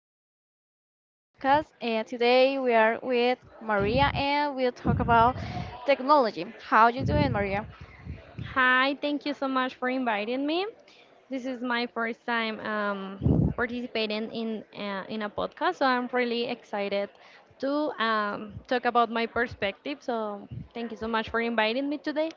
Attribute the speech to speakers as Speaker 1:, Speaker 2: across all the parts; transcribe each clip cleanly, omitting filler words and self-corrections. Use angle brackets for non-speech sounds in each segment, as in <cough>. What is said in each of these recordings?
Speaker 1: show in our podcast. And today we are with Maria and we'll talk about technology. How you doing, Maria?
Speaker 2: Hi, thank you so much for inviting me. This is my first time participating in a podcast, so I'm really excited to talk about my perspective. So thank you so much for inviting me today.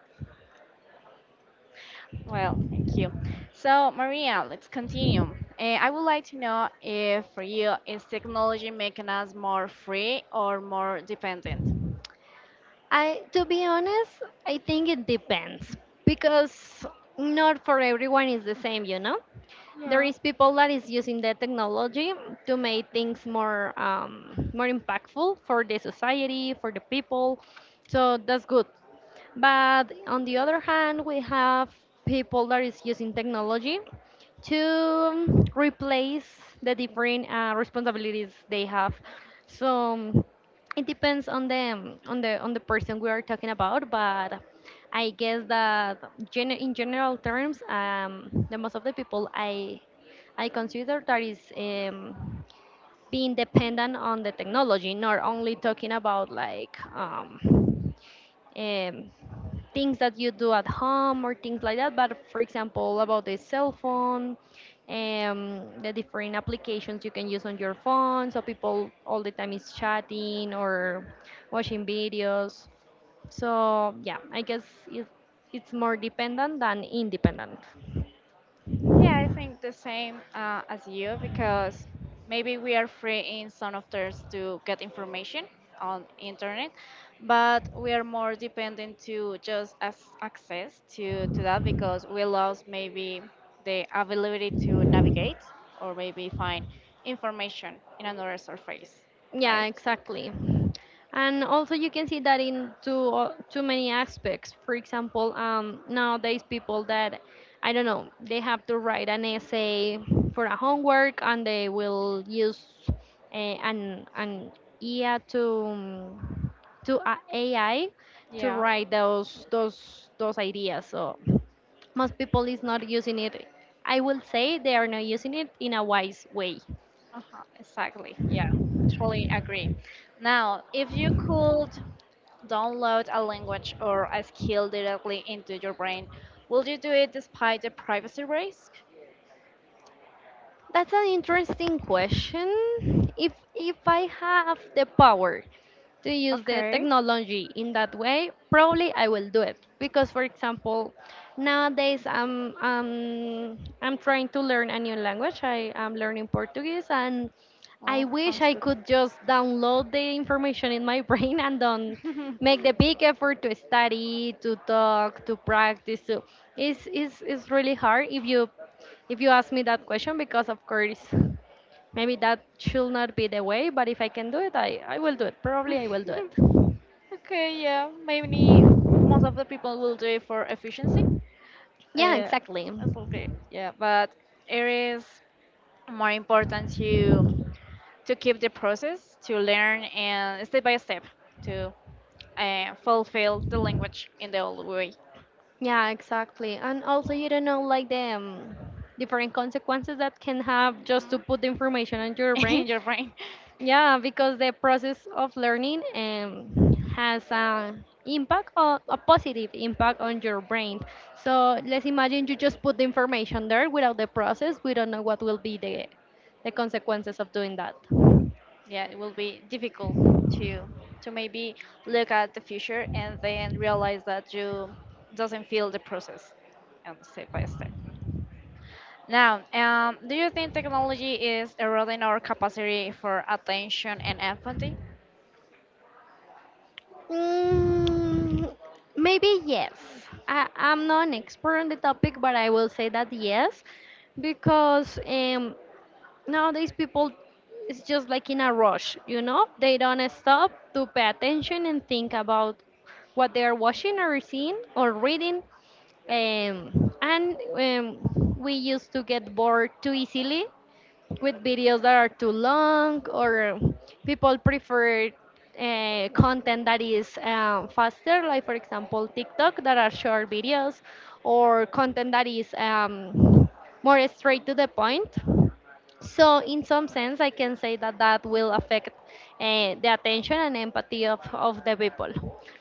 Speaker 1: Well, thank you. So, Maria, let's continue. I would like to know if for you is technology making us more free or more dependent?
Speaker 2: I, to be honest, I think it depends because not for everyone is the same, you know. There is people that is using the technology to make things more more impactful for the society, for the people. So that's good. But on the other hand, we have people that is using technology to replace the different responsibilities they have. So it depends on the person we are talking about, but I guess that in general terms, the most of the people I consider that is being dependent on the technology, not only talking about like um, things that you do at home or things like that, but for example, about the cell phone, the different applications you can use on your phone. So people all the time is chatting or watching videos. So yeah, I guess it, it's more dependent than independent.
Speaker 1: Yeah, I think the same as you because maybe we are free in some of those to get information on internet, but we are more dependent to just as access to that because we lost maybe the ability to navigate or maybe find information in another surface,
Speaker 2: Yeah,
Speaker 1: right?
Speaker 2: exactly. And also, you can see that in too many aspects. For example, nowadays people that I don't know they have to write an essay for a homework, and they will use a, an IA to a AI to
Speaker 1: Yeah,
Speaker 2: write those ideas. So most people is not using it. I will say they are not using it in a wise way.
Speaker 1: uh-huh, exactly. Yeah, totally agree. Now, if you could download a language or a skill directly into your brain, will you do it despite the privacy risk?
Speaker 2: That's an interesting question. If I have the power to use the
Speaker 1: Okay.
Speaker 2: technology in that way, probably I will do it. Because for example, nowadays I'm trying to learn a new language. I am learning Portuguese and I
Speaker 1: Oh,
Speaker 2: wish
Speaker 1: sounds
Speaker 2: I
Speaker 1: good.
Speaker 2: could just download the information in my <laughs> brain and don't
Speaker 1: <laughs>
Speaker 2: make the big effort to study, to talk, to practice. So it's really hard if you ask me that question because of course maybe that should not be the way, but if I can do I will do it, probably I will do it.
Speaker 1: Okay, yeah, maybe most of the people will do it for efficiency.
Speaker 2: Yeah,
Speaker 1: Uh,
Speaker 2: exactly.
Speaker 1: that's okay. Yeah, but it is more important to keep the process, to learn and step by step to fulfill the language in the old way.
Speaker 2: Yeah, exactly. And also, you don't know like the different consequences that can have just to put the information in
Speaker 1: <laughs>
Speaker 2: your brain.
Speaker 1: In your brain.
Speaker 2: Yeah, because the process of learning has an impact or a positive impact on your brain. So let's imagine you just put the information there without the process. We don't know what will be the consequences of doing that.
Speaker 1: Yeah, it will be difficult to maybe look at the future and then realize that you doesn't feel the process and step by step now. Do you think technology is eroding our capacity for attention and empathy?
Speaker 2: Mm, maybe yes. I'm not an expert on the topic, but I will say that yes, because nowadays people is just like in a rush, you know? They don't stop to pay attention and think about what they are watching or seeing or reading. And We used to get bored too easily with videos that are too long, or people prefer content that is faster, like for example TikTok, that are short videos, or content that is more straight to the point. So, in some sense, I can say that that will affect the attention and empathy of the people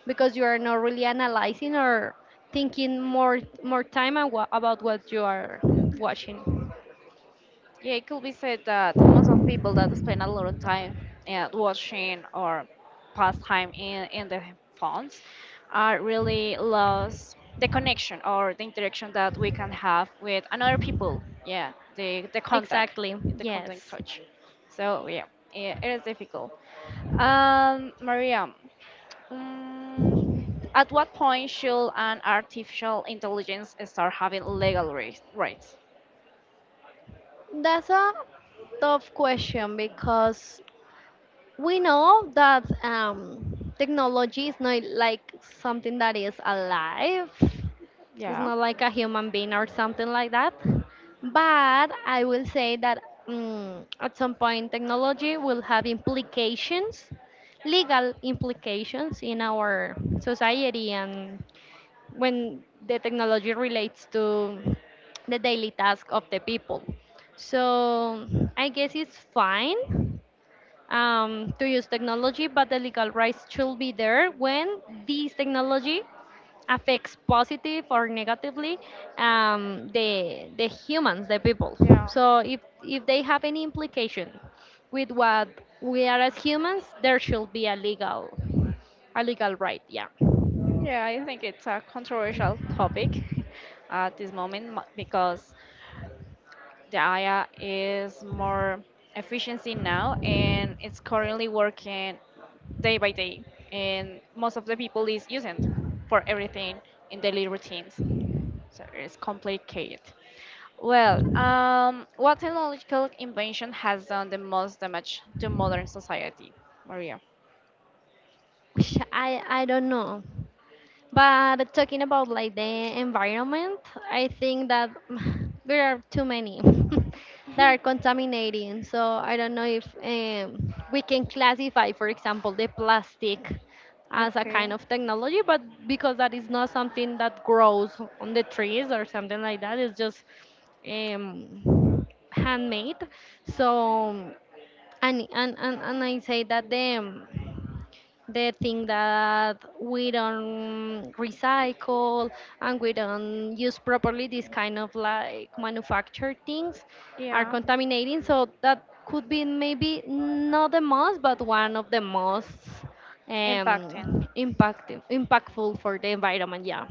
Speaker 2: because you are not really analyzing or thinking more time about what you are watching.
Speaker 1: Yeah, it could be said that most of people that spend a lot of time watching or pastime in the phones are really lost the connection or the interaction that we can have with another people. Yeah, the contact,
Speaker 2: Exactly.
Speaker 1: the contact
Speaker 2: Yes.
Speaker 1: touch. So yeah, yeah it is difficult. Maria, um, at what point should an artificial intelligence start having legal rights?
Speaker 2: That's a tough question because we know that technology is not like something that is alive. It's
Speaker 1: Yeah,
Speaker 2: not like a human being or something like that. But I will say that at some point, technology will have implications, legal implications in our society and when the technology relates to the daily task of the people. So I guess it's fine to use technology, but the legal rights should be there when this technology affects positive or negatively the humans, the people.
Speaker 1: yeah.
Speaker 2: So if they have any implication with what we are as humans, there should be a legal right. Yeah.
Speaker 1: Yeah, I think it's a controversial topic. <laughs> At this moment because the AI is more efficiency now and it's currently working day by day and most of the people is using for everything in daily routines. So it's complicated. Well, what technological invention has done the most damage to modern society, Maria?
Speaker 2: I don't know. But talking about like the environment, I think that <sighs> there are too many <laughs> that are contaminating. So I don't know if we can classify, for example, the plastic as a
Speaker 1: Okay,
Speaker 2: kind of technology, but because that is not something that grows on the trees or something like that, it's just handmade. So and I say that the they think that we don't recycle and we don't use properly these kind of like manufactured things are
Speaker 1: yeah,
Speaker 2: contaminating, so that could be maybe not the most but one of the most
Speaker 1: impacting.
Speaker 2: impactful for the environment, yeah.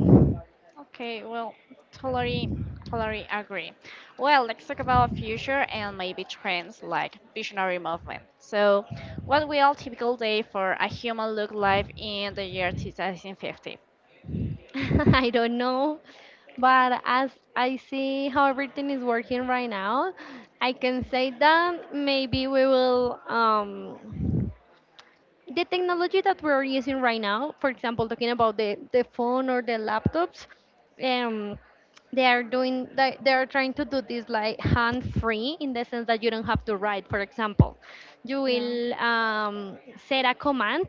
Speaker 1: Okay, well, totally, totally agree. Well, let's talk about future and maybe trends like visionary movement. So, what will typical day for a human look like in the year 2050?
Speaker 2: <laughs> I don't know, but as I see how everything is working right now, I can say that maybe we will the technology that we're using right now, for example, talking about the phone or the laptops, um, they are doing they are trying to do this like hand free in the sense that you don't have to write. For example, you
Speaker 1: Yeah.
Speaker 2: will set a command,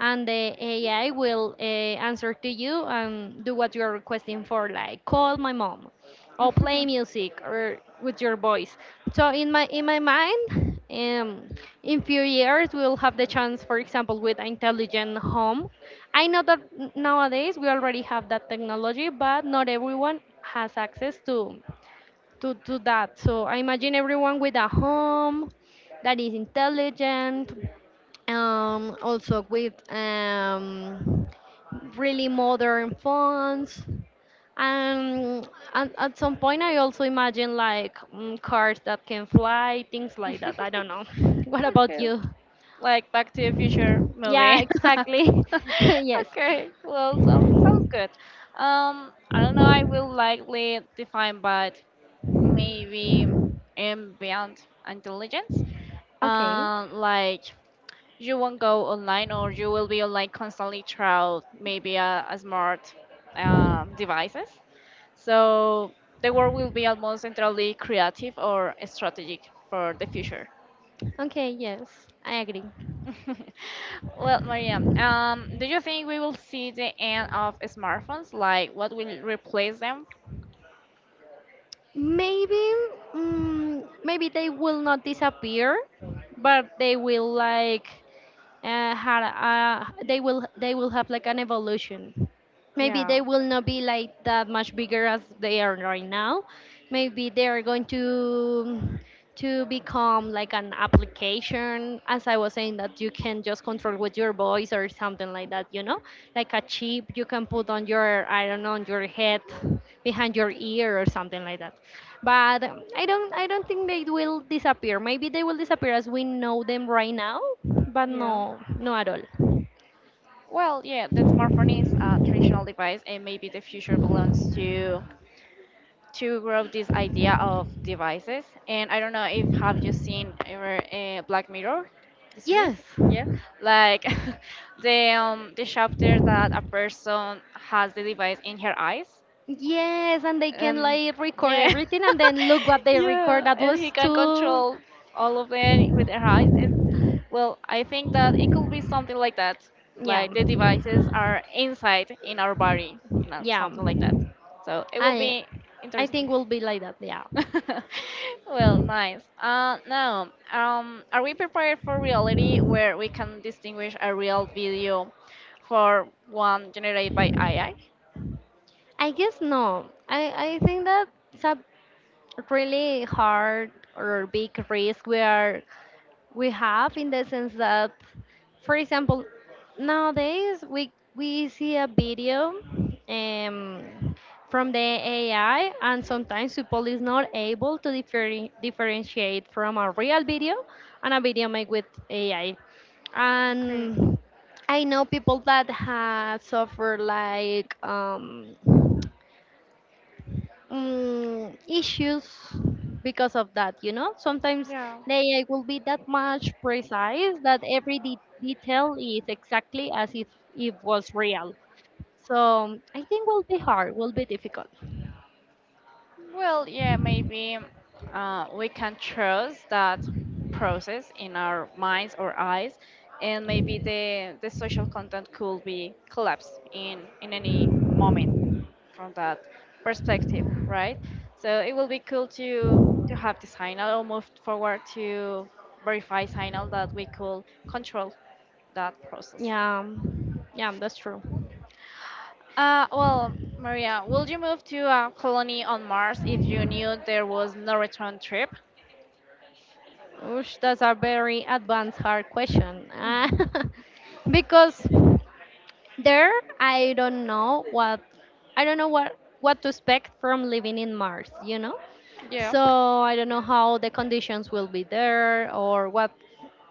Speaker 2: and the AI will answer to you and do what you are requesting for, like call my mom or play
Speaker 1: <laughs>
Speaker 2: music or with your voice. So in my mind, in few years we'll have the chance, for example, with intelligent home. I know that nowadays we already have that technology, but not everyone has access to that. So I imagine everyone with a home that is intelligent, also with really modern phones and at some point I also imagine like cars that can fly, things like that, I don't know. <laughs> What about
Speaker 1: Okay,
Speaker 2: you?
Speaker 1: like Back to the Future movie.
Speaker 2: Yeah,
Speaker 1: <laughs>
Speaker 2: exactly. <laughs> Yes.
Speaker 1: Okay, well, sounds good. I don't know. I will likely define, but maybe ambient intelligence.
Speaker 2: Okay.
Speaker 1: Like you won't go online, or you will be online constantly throughout maybe a smart devices. So the world will be almost entirely creative or strategic for the future.
Speaker 2: Okay, yes, I agree.
Speaker 1: <laughs> Well, Maria, do you think we will see the end of smartphones? Like, what will replace them?
Speaker 2: Maybe, maybe they will not disappear, but they will like they will have like an evolution. Maybe
Speaker 1: Yeah,
Speaker 2: they will not be like that much bigger as they are right now. Maybe they are going to become like an application, as I was saying, that you can just control with your voice or something like that, you know. Like a chip you can put on your, I don't know, on your head, behind your ear or something like that. But I don't think they will disappear. Maybe they will disappear as we know them right now, but
Speaker 1: yeah.
Speaker 2: no at all.
Speaker 1: Well, yeah, the smartphone is a traditional device, and maybe the future belongs to grow this idea of devices. And I don't know if have you seen ever Black Mirror, the series?
Speaker 2: Yes.
Speaker 1: Yeah, like <laughs> the chapter that a person has the device in her eyes,
Speaker 2: Yes, and they can
Speaker 1: and
Speaker 2: like record
Speaker 1: yeah,
Speaker 2: everything and then look what
Speaker 1: <laughs>
Speaker 2: they record.
Speaker 1: yeah,
Speaker 2: That
Speaker 1: and
Speaker 2: was
Speaker 1: he can
Speaker 2: too.
Speaker 1: control all of them with her eyes. And well, I think that it could be something like that,
Speaker 2: Yeah.
Speaker 1: like the devices are inside in our body,
Speaker 2: Yeah,
Speaker 1: something like that. So it will
Speaker 2: I
Speaker 1: be
Speaker 2: I think
Speaker 1: interesting.
Speaker 2: will be like that. Yeah.
Speaker 1: <laughs> Well, nice. Now, are we prepared for reality where we can distinguish a real video for one generated by AI?
Speaker 2: I guess no. I think that it's a really hard or big risk we have in the sense that, for example, nowadays we see a video um from the AI and sometimes people is not able differentiate from a real video and a video made with AI.
Speaker 1: Okay.
Speaker 2: And I know people that have suffered like issues because of that. You know, sometimes
Speaker 1: Yeah.
Speaker 2: the AI will be that much precise that every detail is exactly as if it was real. So I think will be hard, will be difficult.
Speaker 1: Well, yeah, maybe we can trust that process in our minds or eyes, and maybe the social content could be collapsed in any moment. From that perspective, right? So it will be cool to have the signal or move forward to verify signal that we could control that process.
Speaker 2: Yeah, yeah, that's true.
Speaker 1: Well, Maria, would you move to a colony on Mars if you knew there was no return trip?
Speaker 2: Oosh, that's a very advanced hard question. <laughs> Because there, I don't know what, I don't know what to expect from living in Mars, you know?
Speaker 1: Yeah.
Speaker 2: So, I don't know how the conditions will be there or what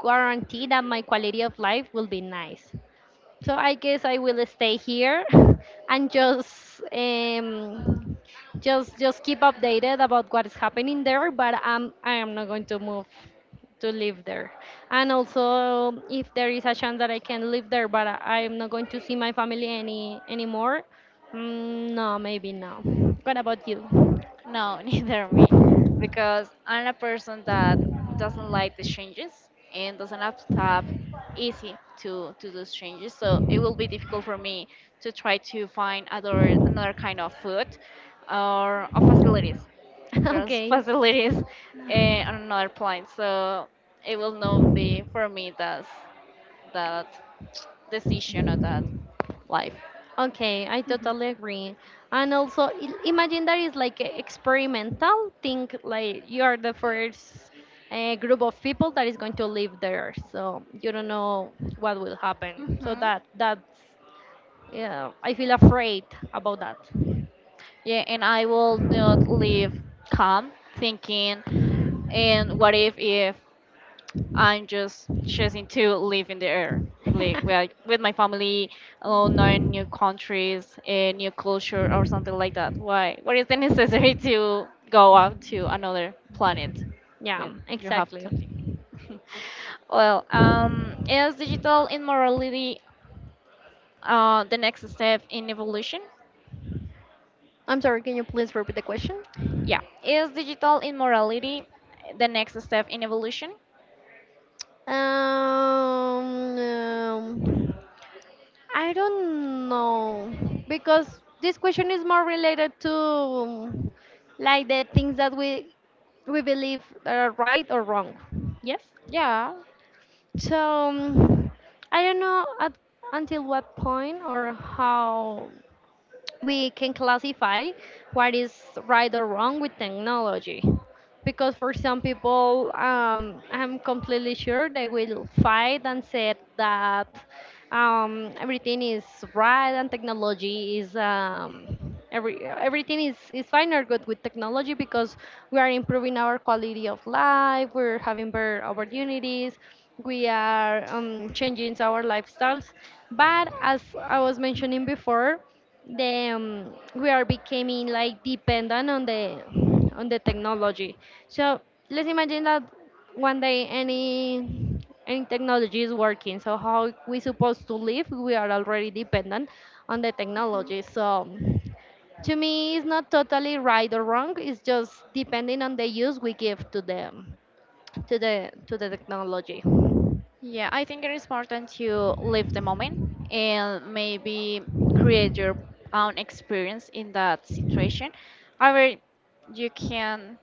Speaker 2: guarantee that my quality of life will be nice. So I guess I will stay here <laughs> and just just keep updated about what is happening there. But I am not going to move to live there. And also, if there is a chance that I can live there, but I am not going to see my family any anymore. Mm, no, maybe no. What about you?
Speaker 1: No, <laughs> neither me, because I'm a person that doesn't like the changes and doesn't have tap easy to those changes. So it will be difficult for me to try to find other another kind of food, or facilities,
Speaker 2: <laughs>
Speaker 1: just <laughs>
Speaker 2: Okay.
Speaker 1: facilities on another planet. So it will not be for me that decision or that life.
Speaker 2: Okay, I totally agree. And also, imagine that is like a experimental thing, like you are the first group of people that is going to live there, so you don't know what will happen. So
Speaker 1: Mhm.
Speaker 2: that's, yeah, I feel afraid about that.
Speaker 1: Yeah, and I will not leave calm thinking, and what if I'm just choosing to live in the air, like well,
Speaker 2: <laughs>
Speaker 1: with my family, alone, learn new countries, a new culture, or something like that? Why? What is the <laughs> necessary to go out to another planet
Speaker 2: Yeah,
Speaker 1: when you have
Speaker 2: exactly.
Speaker 1: something? <laughs> Well, is digital immorality the next step in evolution?
Speaker 2: I'm sorry, can you please repeat the question?
Speaker 1: Yeah. Is digital immorality the next step in evolution?
Speaker 2: Um, um, I don't know because this question is more related to like the things that we believe are right or wrong. Yes.
Speaker 1: Yeah.
Speaker 2: So I don't know until what point or how we can classify what is right or wrong with technology because for some people I'm completely sure they will fight and say that everything is right and technology is everything is fine or good with technology because we are improving our quality of life, we're having better opportunities, we are changing our lifestyles, but as I was mentioning before, the we are becoming like dependent on the technology. So let's imagine that one day any technology is working. So how we supposed to live? We are already dependent on the technology. So to me, it's not totally right or wrong. It's just depending on the use we give to the technology.
Speaker 1: Yeah, I think it is important to live the moment and maybe create your own experience in that situation. However, you can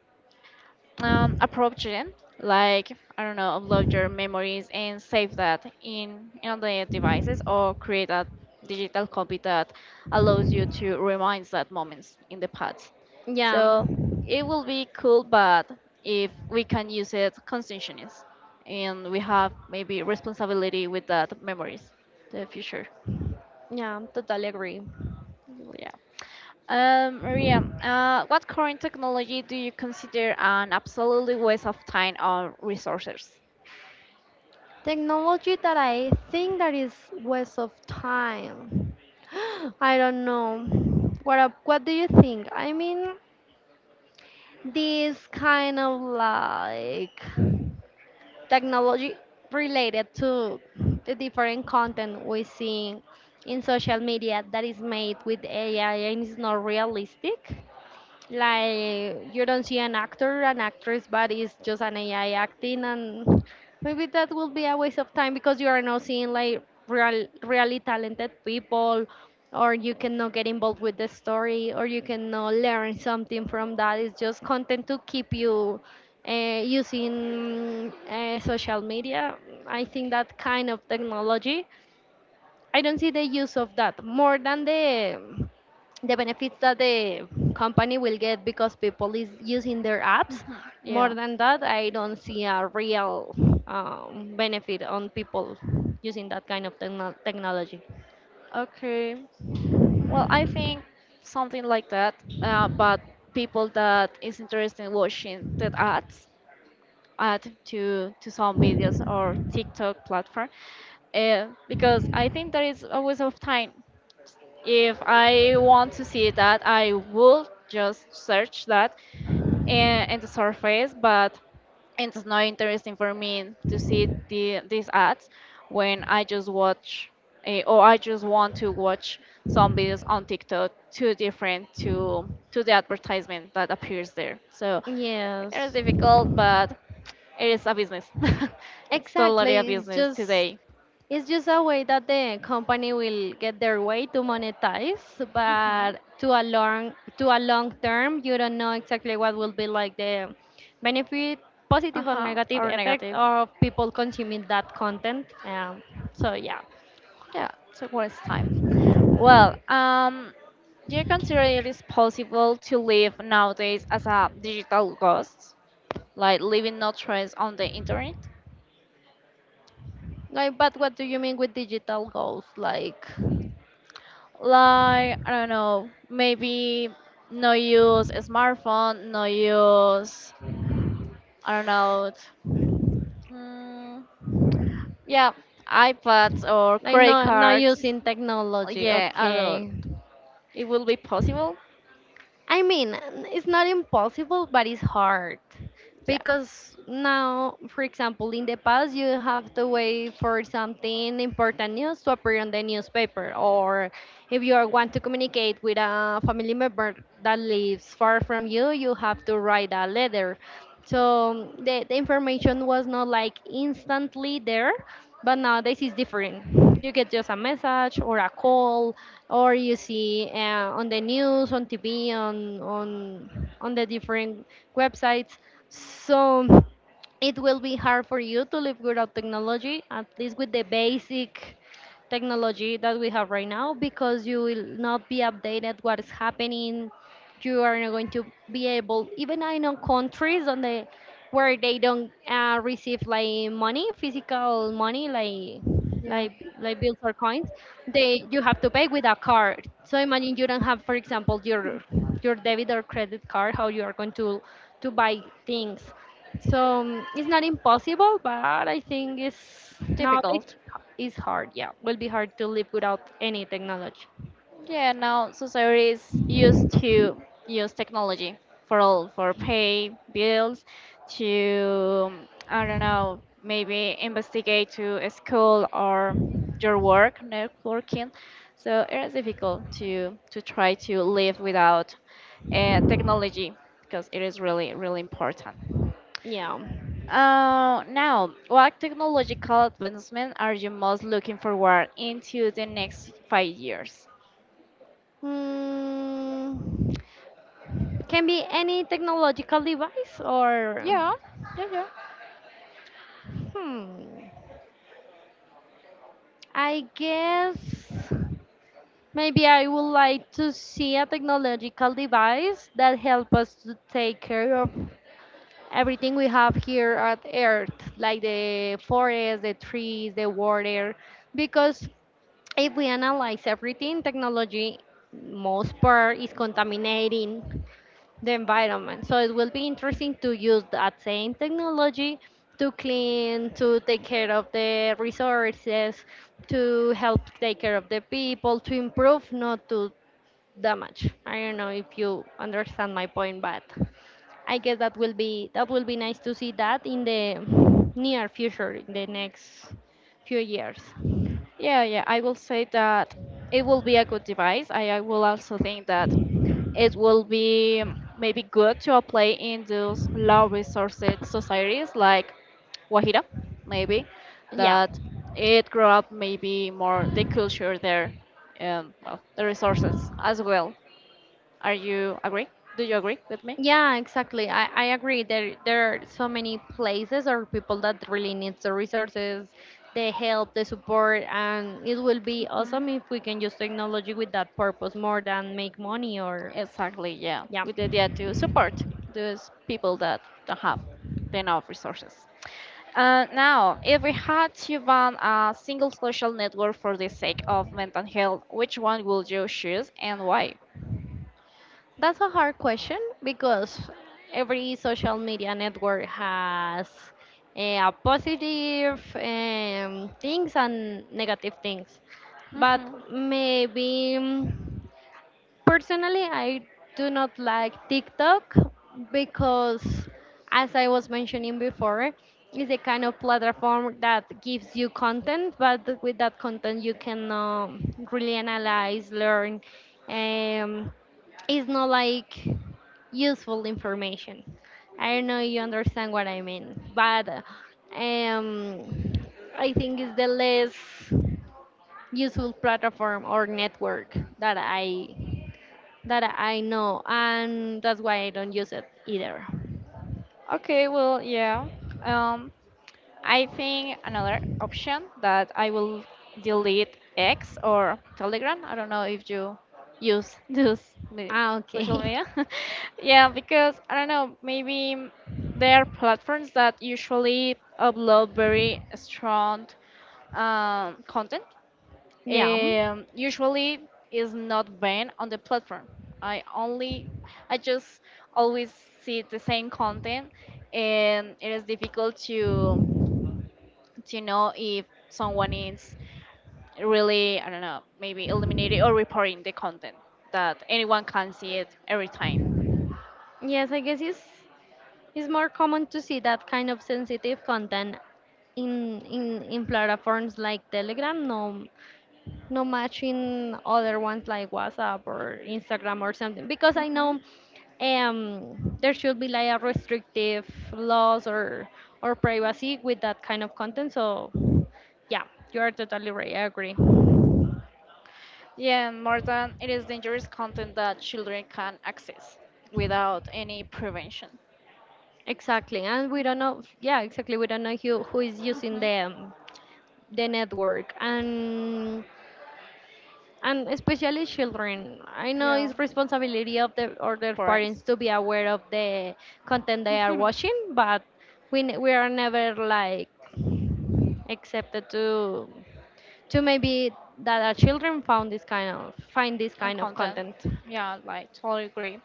Speaker 1: approach it, like, I don't know, upload your memories and save that in the devices or create a digital copy that allows you to remind that moments in the past.
Speaker 2: Yeah,
Speaker 1: So it will be cool, but if we can use it conscientiously and we have maybe responsibility with that memories, the future.
Speaker 2: yeah, totally agree.
Speaker 1: Yeah. Maria, what current technology do you consider an absolutely waste of time or resources?
Speaker 2: Technology that I think that is waste of time. <gasps> I don't know. What do you think? I mean, this kind of like technology related to the different content we see in social media that is made with AI and is not realistic, like you don't see an actor an actress, but it's just an AI acting. And maybe that will be a waste of time because you are not seeing like real really talented people, or you cannot get involved with the story, or you cannot learn something from that. It's just content to keep you using social media. I think that kind of technology, I don't see the use of that more than the benefits that the company will get because people is using their apps.
Speaker 1: Mhm.
Speaker 2: More
Speaker 1: Yeah.
Speaker 2: than that, I don't see a real benefit on people using that kind of technology.
Speaker 1: Okay. Well, I think something like that. But people that is interested in watching that ads add to some videos or TikTok platform, because I think there is a waste of time. If I want to see that, I will just search that, and the surface, but it's not interesting for me to see these ads when I just watch or I just want to watch some videos on TikTok too different to the advertisement that appears there. So it is
Speaker 2: Yes,
Speaker 1: difficult, but it is a business. <laughs> It's totally a
Speaker 2: exactly. It's
Speaker 1: business
Speaker 2: just
Speaker 1: today.
Speaker 2: It's just a way that the company will get their way to monetize,
Speaker 1: Hmm.
Speaker 2: but to a long term, you don't know exactly what will be like the benefit,
Speaker 1: Uh
Speaker 2: positive or
Speaker 1: huh.
Speaker 2: negative
Speaker 1: Or
Speaker 2: effect
Speaker 1: negative.
Speaker 2: of people consuming that content. So yeah.
Speaker 1: Yeah. So what is time? Well, do you consider it is possible to live nowadays as a digital ghost, like leaving no trace on the internet?
Speaker 2: Like, but what do you mean with digital goals? Like,
Speaker 1: Like I don't know, maybe no use a smartphone, no use I don't know, mm, yeah, iPads or
Speaker 2: like
Speaker 1: credit
Speaker 2: not
Speaker 1: cards.
Speaker 2: using technology?
Speaker 1: Yeah, I don't.
Speaker 2: Okay,
Speaker 1: It will be possible.
Speaker 2: I mean it's not impossible, but it's hard.
Speaker 1: Yeah,
Speaker 2: Because now, for example, in the past you have to wait for something important news to appear on the newspaper, or if you are want to communicate with a family member that lives far from you have to write a letter. So the information was not like instantly there, but nowadays it's different. You get just a message or a call, or you see on the news, on TV, on the different websites. So it will be hard for you to live without technology, at least with the basic technology that we have right now, because you will not be updated what is happening. You are not going to be able. Even I know countries on the where they don't receive like money, physical money, like
Speaker 1: yeah.
Speaker 2: like bills or coins. They you have to pay with a card. So imagine you don't have, for example, your debit or credit card. How you are going to buy things. So it's not impossible, but I think it's nowadays
Speaker 1: Difficult.
Speaker 2: it's hard. Yeah, will be hard to live without any technology.
Speaker 1: Yeah, now society is used to use technology for all, for pay bills, to I don't know, maybe investigate to a school or your work, networking. So it is difficult to try to live without technology because it is really really important.
Speaker 2: Yeah.
Speaker 1: Now, what technological advancement are you most looking forward into the next 5 years?
Speaker 2: Mm, can be any technological device or
Speaker 1: Yeah, yeah, yeah.
Speaker 2: hmm. I guess maybe I would like to see a technological device that help us to take care of everything we have here at Earth, like the forest, the trees, the water, because if we analyze everything, technology, most part, is contaminating the environment. So it will be interesting to use that same technology to clean, to take care of the resources, to help take care of the people, to improve, not to damage. I don't know if you understand my point, but. I guess that will be nice to see that in the near future, in the next few years.
Speaker 1: Yeah, yeah, I will say that it will be a good device. I will also think that it will be maybe good to apply in those low resources societies like Guajira, maybe,
Speaker 2: Yeah,
Speaker 1: that it grow up maybe more the culture there and well the resources as well. Are you agree? Do you agree with me?
Speaker 2: yeah, exactly. I agree. There are so many places or people that really need the resources, the help, the support, and it will be
Speaker 1: Hmm.
Speaker 2: awesome if we can use technology with that purpose more than make money. Or
Speaker 1: Exactly, yeah.
Speaker 2: yeah.
Speaker 1: With the idea to support those people that don't have enough resources. Now, if we had to ban a single social network for the sake of mental health, which one would you choose and why?
Speaker 2: That's a hard question because every social media network has a positive things and negative things. But
Speaker 1: Hmm.
Speaker 2: maybe. Personally, I do not like TikTok because, as I was mentioning before, it's a kind of platform that gives you content, but with that content, you can really analyze, learn. Um, it's not like useful information. I don't know if you understand what I mean, but um, I think it's the less useful platform or network that I know, and that's why I don't use it either.
Speaker 1: Okay, well, yeah. Um, I think another option that I will delete X or Telegram. I don't know if you use <laughs> this
Speaker 2: Ah,
Speaker 1: social
Speaker 2: okay. <laughs>
Speaker 1: media. <laughs> Yeah, because I don't know, maybe they are platforms that usually upload very strong content
Speaker 2: Yeah.
Speaker 1: usually is not banned on the platform. I only, I just always see the same content, and it is difficult to know if someone is really, I don't know, maybe eliminating or reporting the content that anyone can see it every time.
Speaker 2: Yes, I guess it's more common to see that kind of sensitive content in platforms like Telegram, no much in other ones like WhatsApp or Instagram or something. Because I
Speaker 1: Hmm.
Speaker 2: know there should be like a restrictive laws or privacy with that kind of content. So yeah, you are totally right. I agree.
Speaker 1: Yeah, more than it is dangerous content that children can access without any prevention.
Speaker 2: Exactly, and we don't know. Yeah, exactly. We don't know who is using
Speaker 1: Hmm.
Speaker 2: the network, and especially children. I know
Speaker 1: Yeah,
Speaker 2: it's responsibility of the or their parents
Speaker 1: parents.
Speaker 2: to be aware of the content they are
Speaker 1: <laughs>
Speaker 2: watching, but we are never like accepted to maybe that our children found this kind of find this
Speaker 1: And
Speaker 2: kind of
Speaker 1: content.
Speaker 2: content.
Speaker 1: Yeah, like totally agree.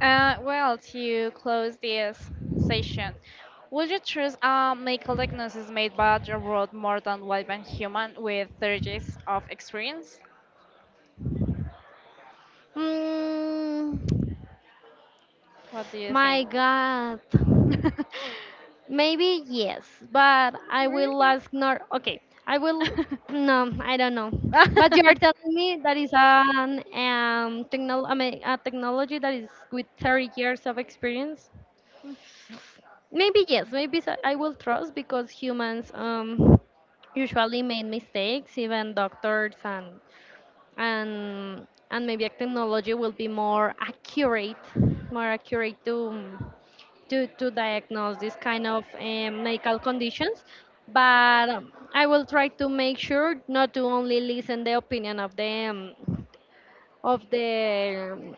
Speaker 1: Well, to close this session, would you choose a medical diagnosis made by a robot more than one by a human with 30 years of experience?
Speaker 2: Mm,
Speaker 1: What do you think?
Speaker 2: my God. Maybe yes, but I will ask Nor. Okay, I will. No, I don't know. But you are
Speaker 1: <laughs> <laughs>
Speaker 2: telling me that is an technol I mean, a technology that is with 30 years of experience. Maybe yes. Maybe I will trust because humans usually made mistakes, even doctors and and maybe a technology will be more accurate to to diagnose this kind of medical conditions. But I will try to make sure not to only listen the opinion of the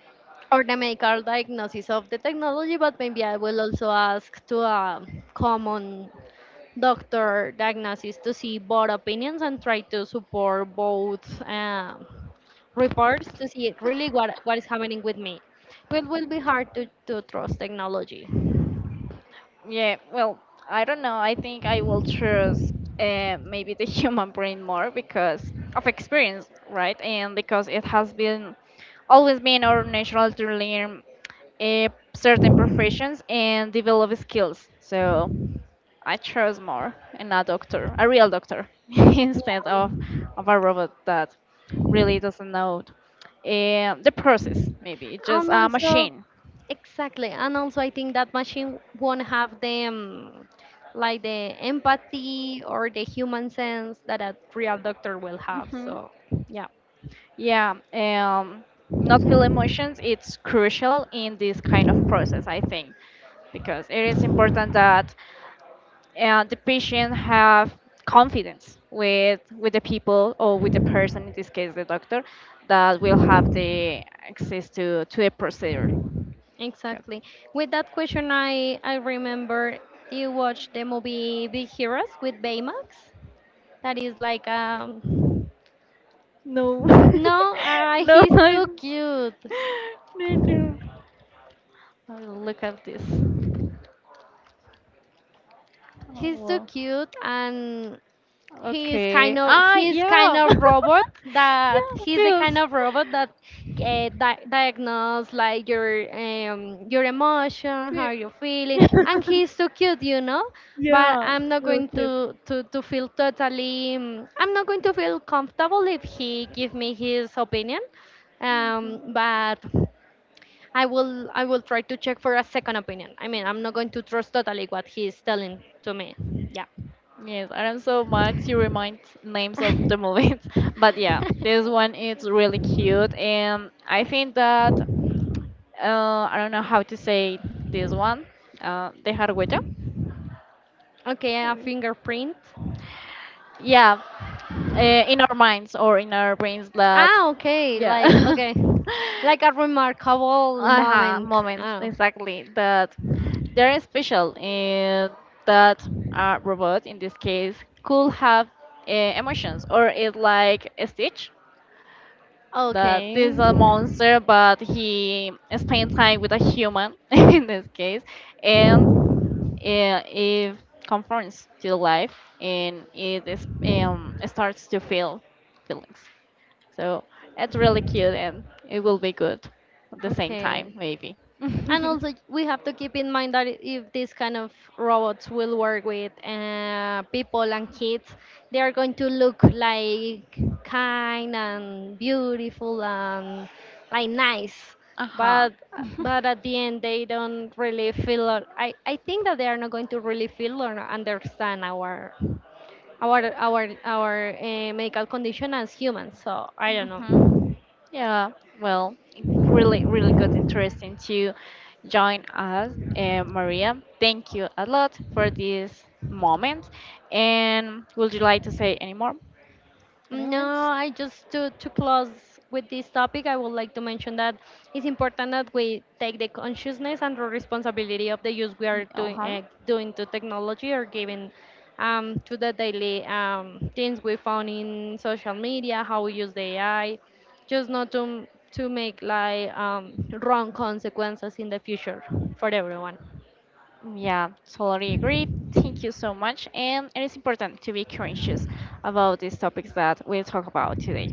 Speaker 2: or the medical diagnosis of the technology, but maybe I will also ask to a common doctor diagnosis to see both opinions and try to support both reports to see really what is happening with me. It will be hard to trust technology.
Speaker 1: Yeah, well, I don't know. I think I will choose maybe the <laughs> human brain more because of experience, right? And because it has been always been our natural to learn uh, certain professions and develop skills. So I chose more and a doctor, a real doctor, <laughs> instead of
Speaker 2: Yeah.
Speaker 1: a robot that really doesn't know the process. Maybe it's just
Speaker 2: And
Speaker 1: a
Speaker 2: also,
Speaker 1: machine.
Speaker 2: exactly. And also, I think that machine won't have the like the empathy or the human sense that a real doctor will have.
Speaker 1: Hmm.
Speaker 2: So, yeah,
Speaker 1: Yeah, not feel emotions, it's crucial in this kind of process, I think, because it is important that the patient have confidence with the people or with the person, in this case, the doctor, that will have the access to the procedure. 'Cause-
Speaker 2: exactly. With that question, I remember, do you watched the movie Big Heroes with Baymax? That is like.
Speaker 1: No, <laughs>
Speaker 2: No,
Speaker 1: no,
Speaker 2: he's too cute.
Speaker 1: no, no. I'll look at this. Oh,
Speaker 2: He's too
Speaker 1: well.
Speaker 2: cute, and
Speaker 1: Okay. Ah, yeah. <laughs> Yeah,
Speaker 2: he's the kind
Speaker 1: feels.
Speaker 2: of robot that diagnose like your emotion,
Speaker 1: Cute.
Speaker 2: how you're feeling, and
Speaker 1: <laughs>
Speaker 2: he's so cute but
Speaker 1: Yeah,
Speaker 2: I'm not
Speaker 1: real
Speaker 2: going
Speaker 1: cute.
Speaker 2: to feel totally I'm not going to feel comfortable if he give me his opinion
Speaker 1: Hmm.
Speaker 2: but I will try to check for a second opinion. I mean, I'm not going to trust totally what he's telling to me. Yeah.
Speaker 1: Yes, I don't so much you remind names of the
Speaker 2: <laughs>
Speaker 1: movies, <laughs> but yeah, this one is really cute, and I think that I don't know how to say this one, dejar huella.
Speaker 2: Okay, a fingerprint.
Speaker 1: Yeah, uh, in our minds or in our brains that
Speaker 2: Ah,
Speaker 1: yeah.
Speaker 2: okay, like
Speaker 1: <laughs>
Speaker 2: a remarkable
Speaker 1: Uh huh.
Speaker 2: moment.
Speaker 1: Moments
Speaker 2: Oh,
Speaker 1: exactly that they're special and that a robot in this case could have emotions or it's like a Stitch that
Speaker 2: okay,
Speaker 1: this is a monster but he spends time with a human <laughs> in this case and it conforms to life and it is, starts to feel feelings, so it's really cute and it will be good at the same time
Speaker 2: okay.
Speaker 1: maybe. <laughs>
Speaker 2: And also, we have to keep in mind that if these kind of robots will work with people and kids, they are going to look like kind and beautiful and like nice.
Speaker 1: Uh huh.
Speaker 2: But
Speaker 1: Uh
Speaker 2: but at the end, they don't really feel. Or, I think that they are not going to really feel or understand our our our our medical condition as humans. So I don't
Speaker 1: huh. <laughs>
Speaker 2: know.
Speaker 1: Yeah, well, really, really good, interesting to join us, Maria. Thank you a lot for this moment. And would you like to say any more? Any
Speaker 2: No,
Speaker 1: lines?
Speaker 2: I just to close with this topic, I would like to mention that it's important that we take the consciousness and the responsibility of the use we are doing
Speaker 1: Uh-huh.
Speaker 2: uh, doing to technology, or giving to the daily things we found in social media, how we use the AI, just not to make like wrong consequences in the future for everyone.
Speaker 1: Yeah, totally agree. Thank you so much. And it is important to be conscious about these topics that we talk about today.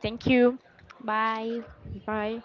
Speaker 1: Thank you.
Speaker 2: Bye.
Speaker 1: Bye.